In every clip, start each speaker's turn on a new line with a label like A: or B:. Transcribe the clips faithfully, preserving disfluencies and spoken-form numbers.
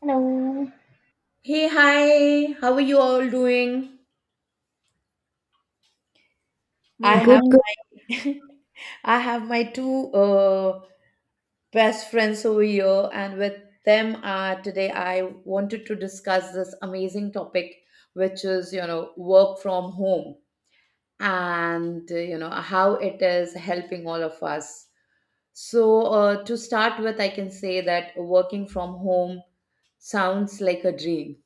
A: Hello,
B: Hey, hi. How are you all doing?
A: we
B: I
A: are
B: have
C: Good,
A: doing.
C: good.
B: I have my two uh, best friends over here, and with them uh, today, I wanted to discuss this amazing topic, which is you know work from home and uh, you know how it is helping all of us. So uh, to start with, I can say that working from home sounds like a dream.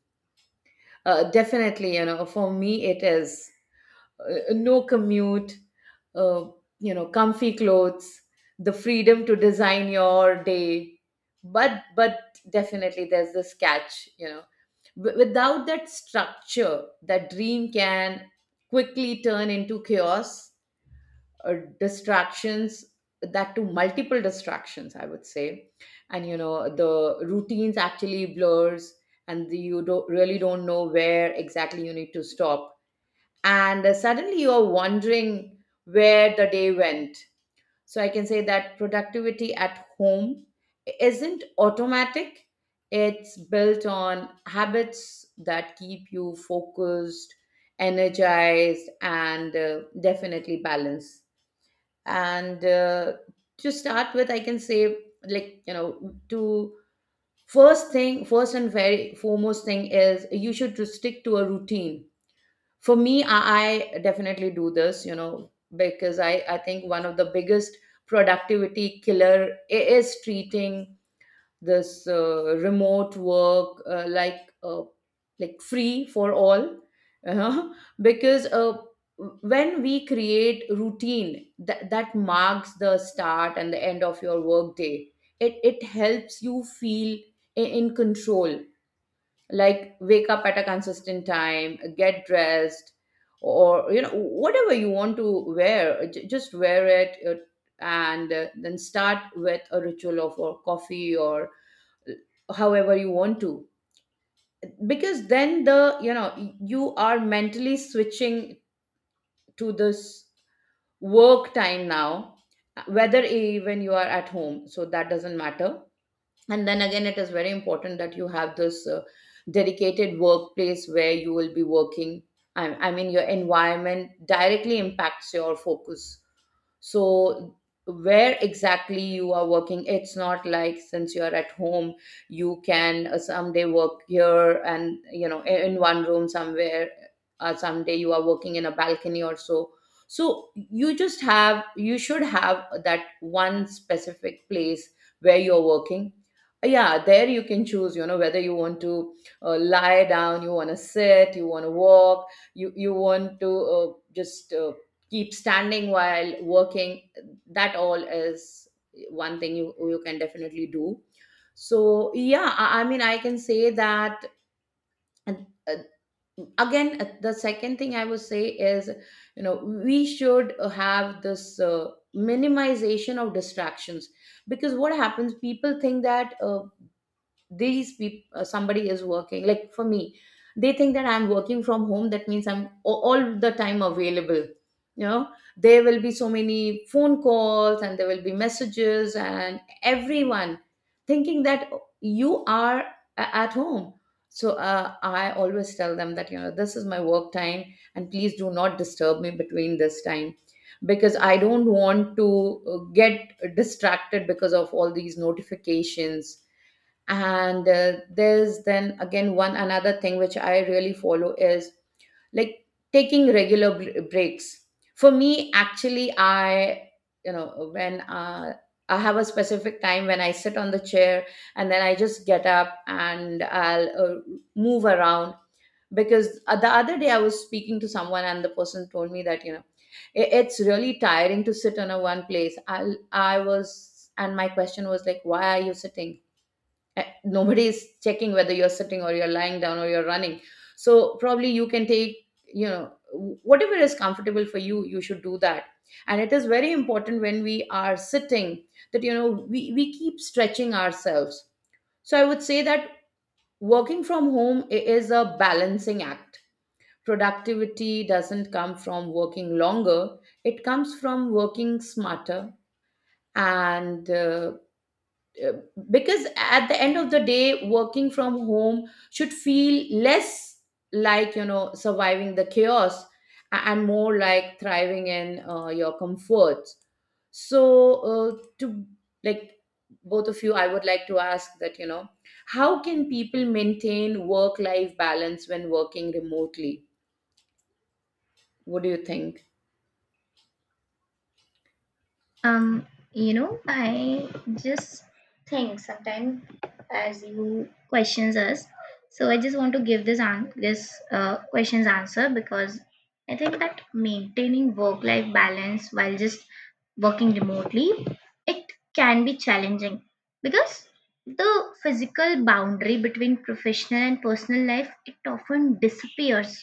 B: Uh, definitely, you know, for me it is. Uh, no commute, uh, you know, comfy clothes, the freedom to design your day. But but definitely there's this catch, you know. W- without that structure, that dream can quickly turn into chaos or distractions, that to multiple distractions I would say. And you know the routines actually blurs and the, you don't really don't know where exactly you need to stop, and uh, suddenly you're wondering where the day went. So I can say that productivity at home isn't automatic, it's built on habits that keep you focused, energized, and uh, definitely balanced. And uh, to start with, I can say, like, you know, to first thing, first and very foremost thing is you should to stick to a routine. For me I, I definitely do this, you know, because i i think one of the biggest productivity killer i- is treating this uh, remote work uh, like uh, like free for all uh, because uh, when we create routine that, that marks the start and the end of your work day, it, it helps you feel i- in control. Like wake up at a consistent time, get dressed, or you know whatever you want to wear, j- just wear it, uh, and uh, then start with a ritual of or coffee or uh, however you want to, because then the you know you are mentally switching to this work time now, uh, whether even you are at home, so that doesn't matter. And then again, it is very important that you have this uh, dedicated workplace where you will be working. I, I mean your environment directly impacts your focus. So where exactly you are working, it's not like since you are at home you can uh, someday work here and you know i- in one room somewhere, uh, someday you are working in a balcony or so. So you just have you should have that one specific place where you're working. Yeah, there you can choose, you know, whether you want to uh, lie down, you want to sit, you want to walk, you you want to uh, just uh, keep standing while working. That all is one thing you you can definitely do. So yeah, i, I mean I can say that. And, uh, Again, uh, the second thing I would say is, you know, we should uh, have this uh, minimization of distractions. Because what happens, people think that uh, these people uh, somebody is working, like for me they think that I'm working from home, that means I'm a- all the time available. You know, there will be so many phone calls and there will be messages and everyone thinking that you are a- at home. So uh, I always tell them that, you know, this is my work time and please do not disturb me between this time, because I don't want to uh, get distracted because of all these notifications. And uh, there's then again one another thing which I really follow is like taking regular br- breaks. For me actually I, you know, when uh, I have a specific time when I sit on the chair and then I just get up and I'll uh, move around. Because uh, the other day I was speaking to someone and the person told me that, you know, i- it's really tiring to sit on a one place i I was. And my question was like, why are you sitting? Eh, nobody is checking whether you're sitting or you're lying down or you're running. So probably you can take, you know, whatever is comfortable for you, you should do that. And it is very important when we are sitting that, you know, we, we keep stretching ourselves. So I would say that working from home i- is a balancing act. Productivity doesn't come from working longer, it comes from working smarter. And uh, uh, because at the end of the day, working from home should feel less like, you know, surviving the chaos a- and more like thriving in uh, your comforts. So uh, to like both of you, I would like to ask that, you know, how can people maintain work life balance when working remotely? What do you think?
A: um, You know, I just think sometimes, as you questions us, so I just want to give this an this uh, questions answer, because I think that maintaining work life balance while just working remotely, it can be challenging because the physical boundary between professional and personal life it often disappears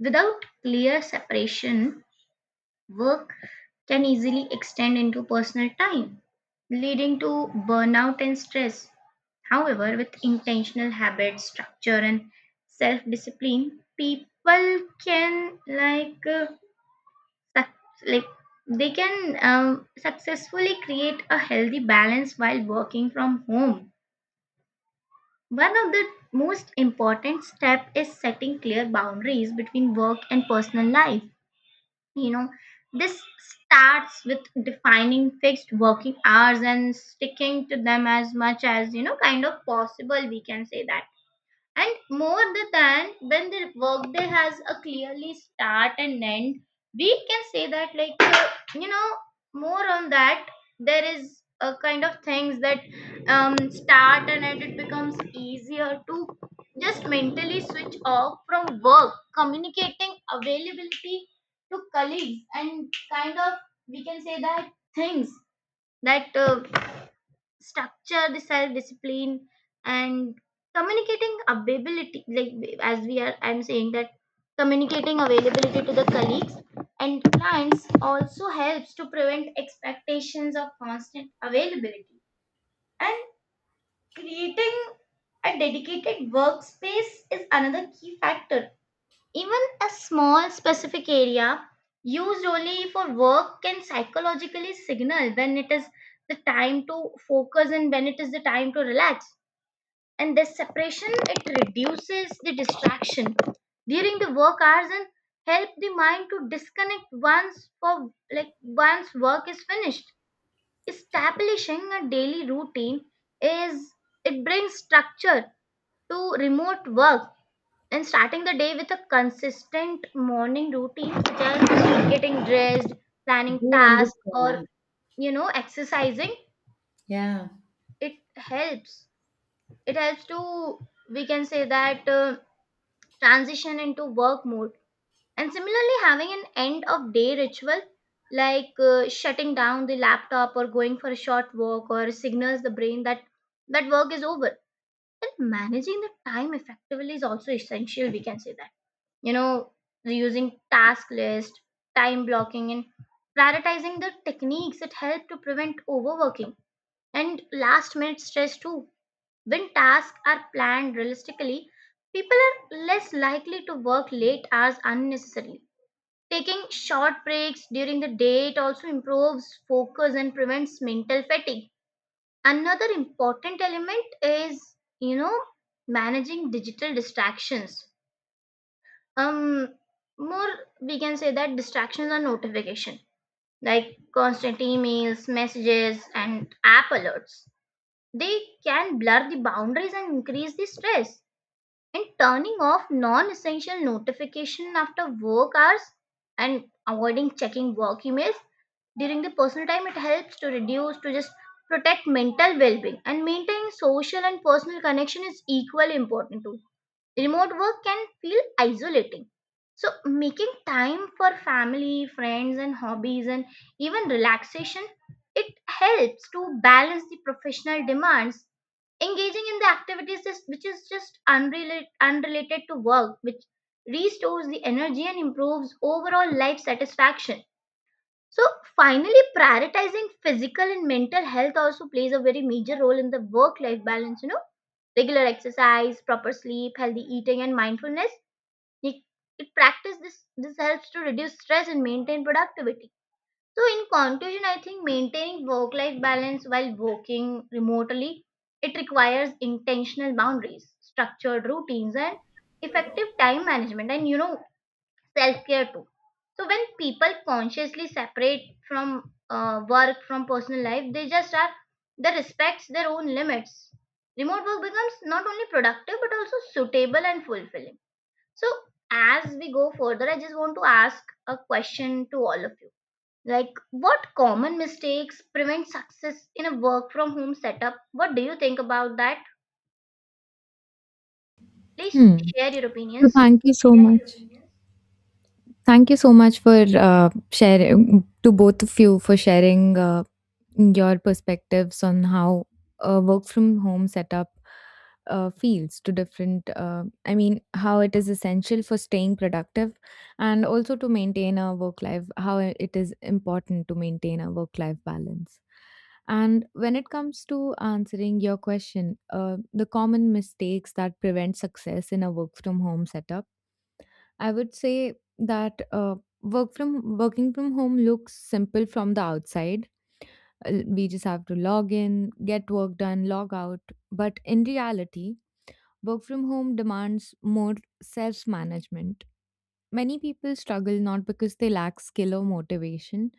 A: without clear separation. Work can easily extend into personal time, leading to burnout and stress. However, with intentional habits, structure, and self discipline, people can like uh, suc- like they can um, successfully create a healthy balance while working from home. One of the most important step is setting clear boundaries between work and personal life. You know, this starts with defining fixed working hours and sticking to them as much as, you know, kind of possible, we can say that. And more the than when the workday has a clearly start and end, we can say that, like, uh, you know, more on that, there is a kind of things that um, start and end it becomes easier to just mentally switch off from work, communicating availability to colleagues, and kind of, we can say that things that uh, structure the self discipline, and communicating availability like as we are, I'm saying that, communicating availability to the colleagues and clients also helps to prevent expectations of constant availability. And creating a dedicated workspace is another key factor. Even a small specific area used only for work can psychologically signal when it is the time to focus and when it is the time to relax. And this separation it reduces the distraction during the work hours and help the mind to disconnect once for like once work is finished. Establishing a daily routine is, it brings structure to remote work, and starting the day with a consistent morning routine such as getting dressed,
B: Do
A: planning
B: you
A: tasks, or
B: understand?
A: you know, exercising,
B: Yeah.
A: it helps, it helps to, we can say that, uh, transition into work mode. And similarly, having an end of day ritual, like uh, shutting down the laptop or going for a short walk or signals the brain that that work is over. And managing the time effectively is also essential, we can say that. You know, using task list, time blocking, and prioritizing the techniques that help to prevent overworking and last minute stress too. When tasks are planned realistically, people are less likely to work late hours unnecessarily. Taking short breaks during the day it also improves focus and prevents mental fatigue. Another important element is, you know, managing digital distractions. um More, we can say that distractions are notification like constant emails, messages, and app alerts. They can blur the boundaries and increase the stress. And turning off non-essential notification after work hours and avoiding checking work emails during the personal time it helps to reduce to just protect mental well-being. And maintaining social and personal connection is equally important too. Remote work can feel isolating. So, making time for family, friends, and hobbies, and even relaxation, it helps to balance the professional demands. Engaging in the activities is- which is just unrelated, unrelated to work, which restores the energy and improves overall life satisfaction. So finally, prioritizing physical and mental health also plays a very major role in the work-life balance. You know, regular exercise, proper sleep, healthy eating, and mindfulness. It, it practice this. This helps to reduce stress and maintain productivity. So in conclusion, I think maintaining work-life balance while working remotely it requires intentional boundaries, structured routines, and effective time management. And you know, self care too. So when people consciously separate from uh, work from personal life, they just are, they respects their own limits. Remote work becomes not only productive but also suitable and fulfilling. So as we go further, I just want to ask a question to all of you. Like what common mistakes prevent success in a work from home setup? What do you think about that? Please
C: Hmm.
A: share your
C: So
A: opinions.
C: thank you so much. Thank you so much for uh, sharing to both of you for sharing uh, your perspectives on how a work from home setup uh, feels to different. Uh, I mean, how it is essential for staying productive and also to maintain a work life. How it is important to maintain a work life balance. And when it comes to answering your question, uh, the common mistakes that prevent success in a work from home setup, I would say that uh, work from working from home looks simple from the outside. Uh, We just have to log in, get work done, log out. But in reality, work from home demands more self management. Many people struggle not because they lack skill or motivation,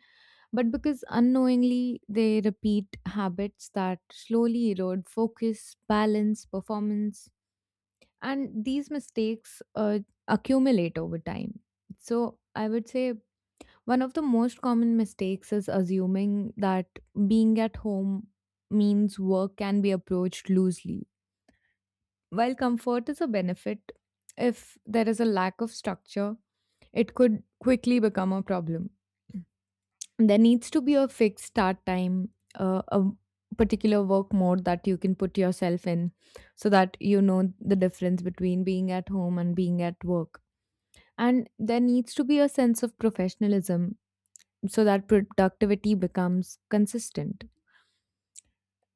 C: but because unknowingly they repeat habits that slowly erode focus, balance, performance, and these mistakes uh, accumulate over time. So I would say one of the most common mistakes is assuming that being at home means work can be approached loosely. While comfort is a benefit, if there is a lack of structure, it could quickly become a problem. There needs to be a fixed start time, uh, a particular work mode that you can put yourself in, so that you know the difference between being at home and being at work. And there needs to be a sense of professionalism so that productivity becomes consistent.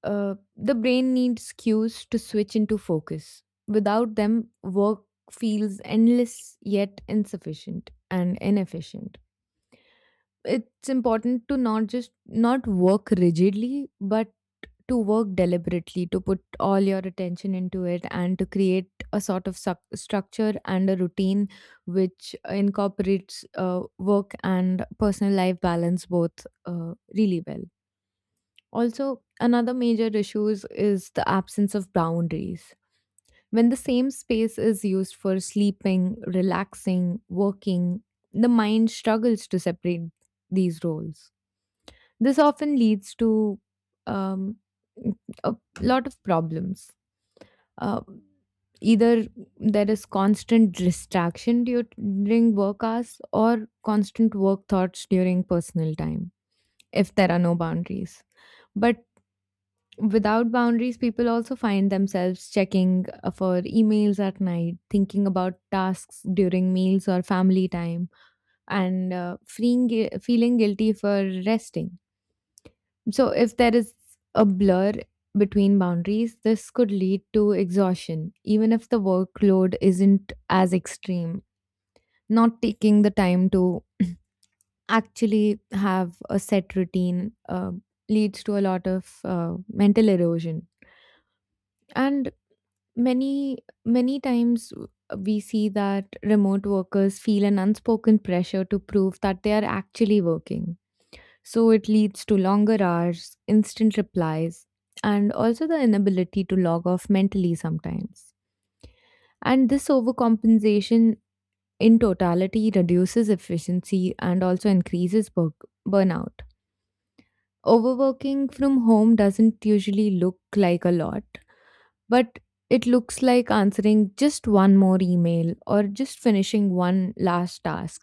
C: Uh, the brain needs cues to switch into focus. Without them, work feels endless yet insufficient and inefficient. It's important to not just not work rigidly but to work deliberately, to put all your attention into it and to create a sort of suc- structure and a routine which incorporates uh, work and personal life balance both uh, really well. Also, another major issue is is the absence of boundaries. When the same space is used for sleeping, relaxing, working, the mind struggles to separate these roles. This often leads to um, a lot of problems. Uh, either there is constant distraction du- during work hours, or constant work thoughts during personal time if there are no boundaries. But without boundaries, people also find themselves checking uh, for emails at night, thinking about tasks during meals or family time, and uh, freeing, gui- feeling guilty for resting. So, if there is a blur between boundaries, this could lead to exhaustion, even if the workload isn't as extreme. Not taking the time to actually have a set routine uh, leads to a lot of uh, mental erosion. And many, many times w- we see that remote workers feel an unspoken pressure to prove that they are actually working. So it leads to longer hours, instant replies, and also the inability to log off mentally sometimes. And this overcompensation in totality reduces efficiency and also increases bur- burnout. Overworking from home doesn't usually look like a lot, but it looks like answering just one more email or just finishing one last task,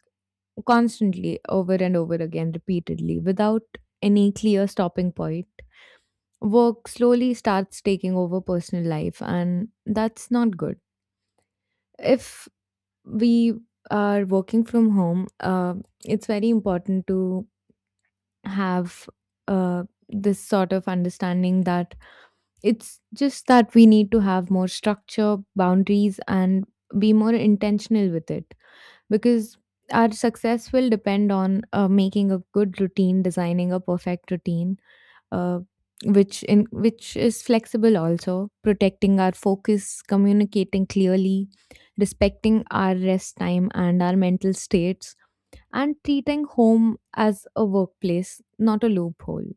C: constantly over and over again repeatedly without any clear stopping point. Work slowly starts taking over personal life, and that's not good. If we are working from home, uh, it's very important to have uh, this sort of understanding that it's just that we need to have more structure, boundaries, and be more intentional with it, because our success will depend on uh, making a good routine, designing a perfect routine uh, which in which is flexible, also protecting our focus, communicating clearly, respecting our rest time and our mental states, and treating home as a workplace, not a loophole.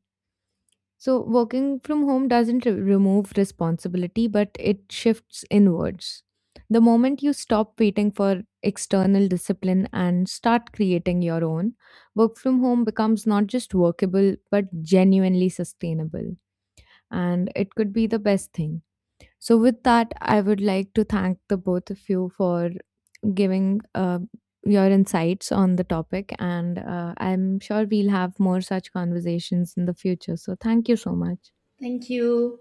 C: So working from home doesn't re- remove responsibility, but it shifts inwards. The moment you stop waiting for external discipline and start creating your own, work from home becomes not just workable but genuinely sustainable, and it could be the best thing. So, with that, I would like to thank the both of you for giving uh, your insights on the topic, and uh, I'm sure we'll have more such conversations in the future. So, thank you so much.
B: Thank you.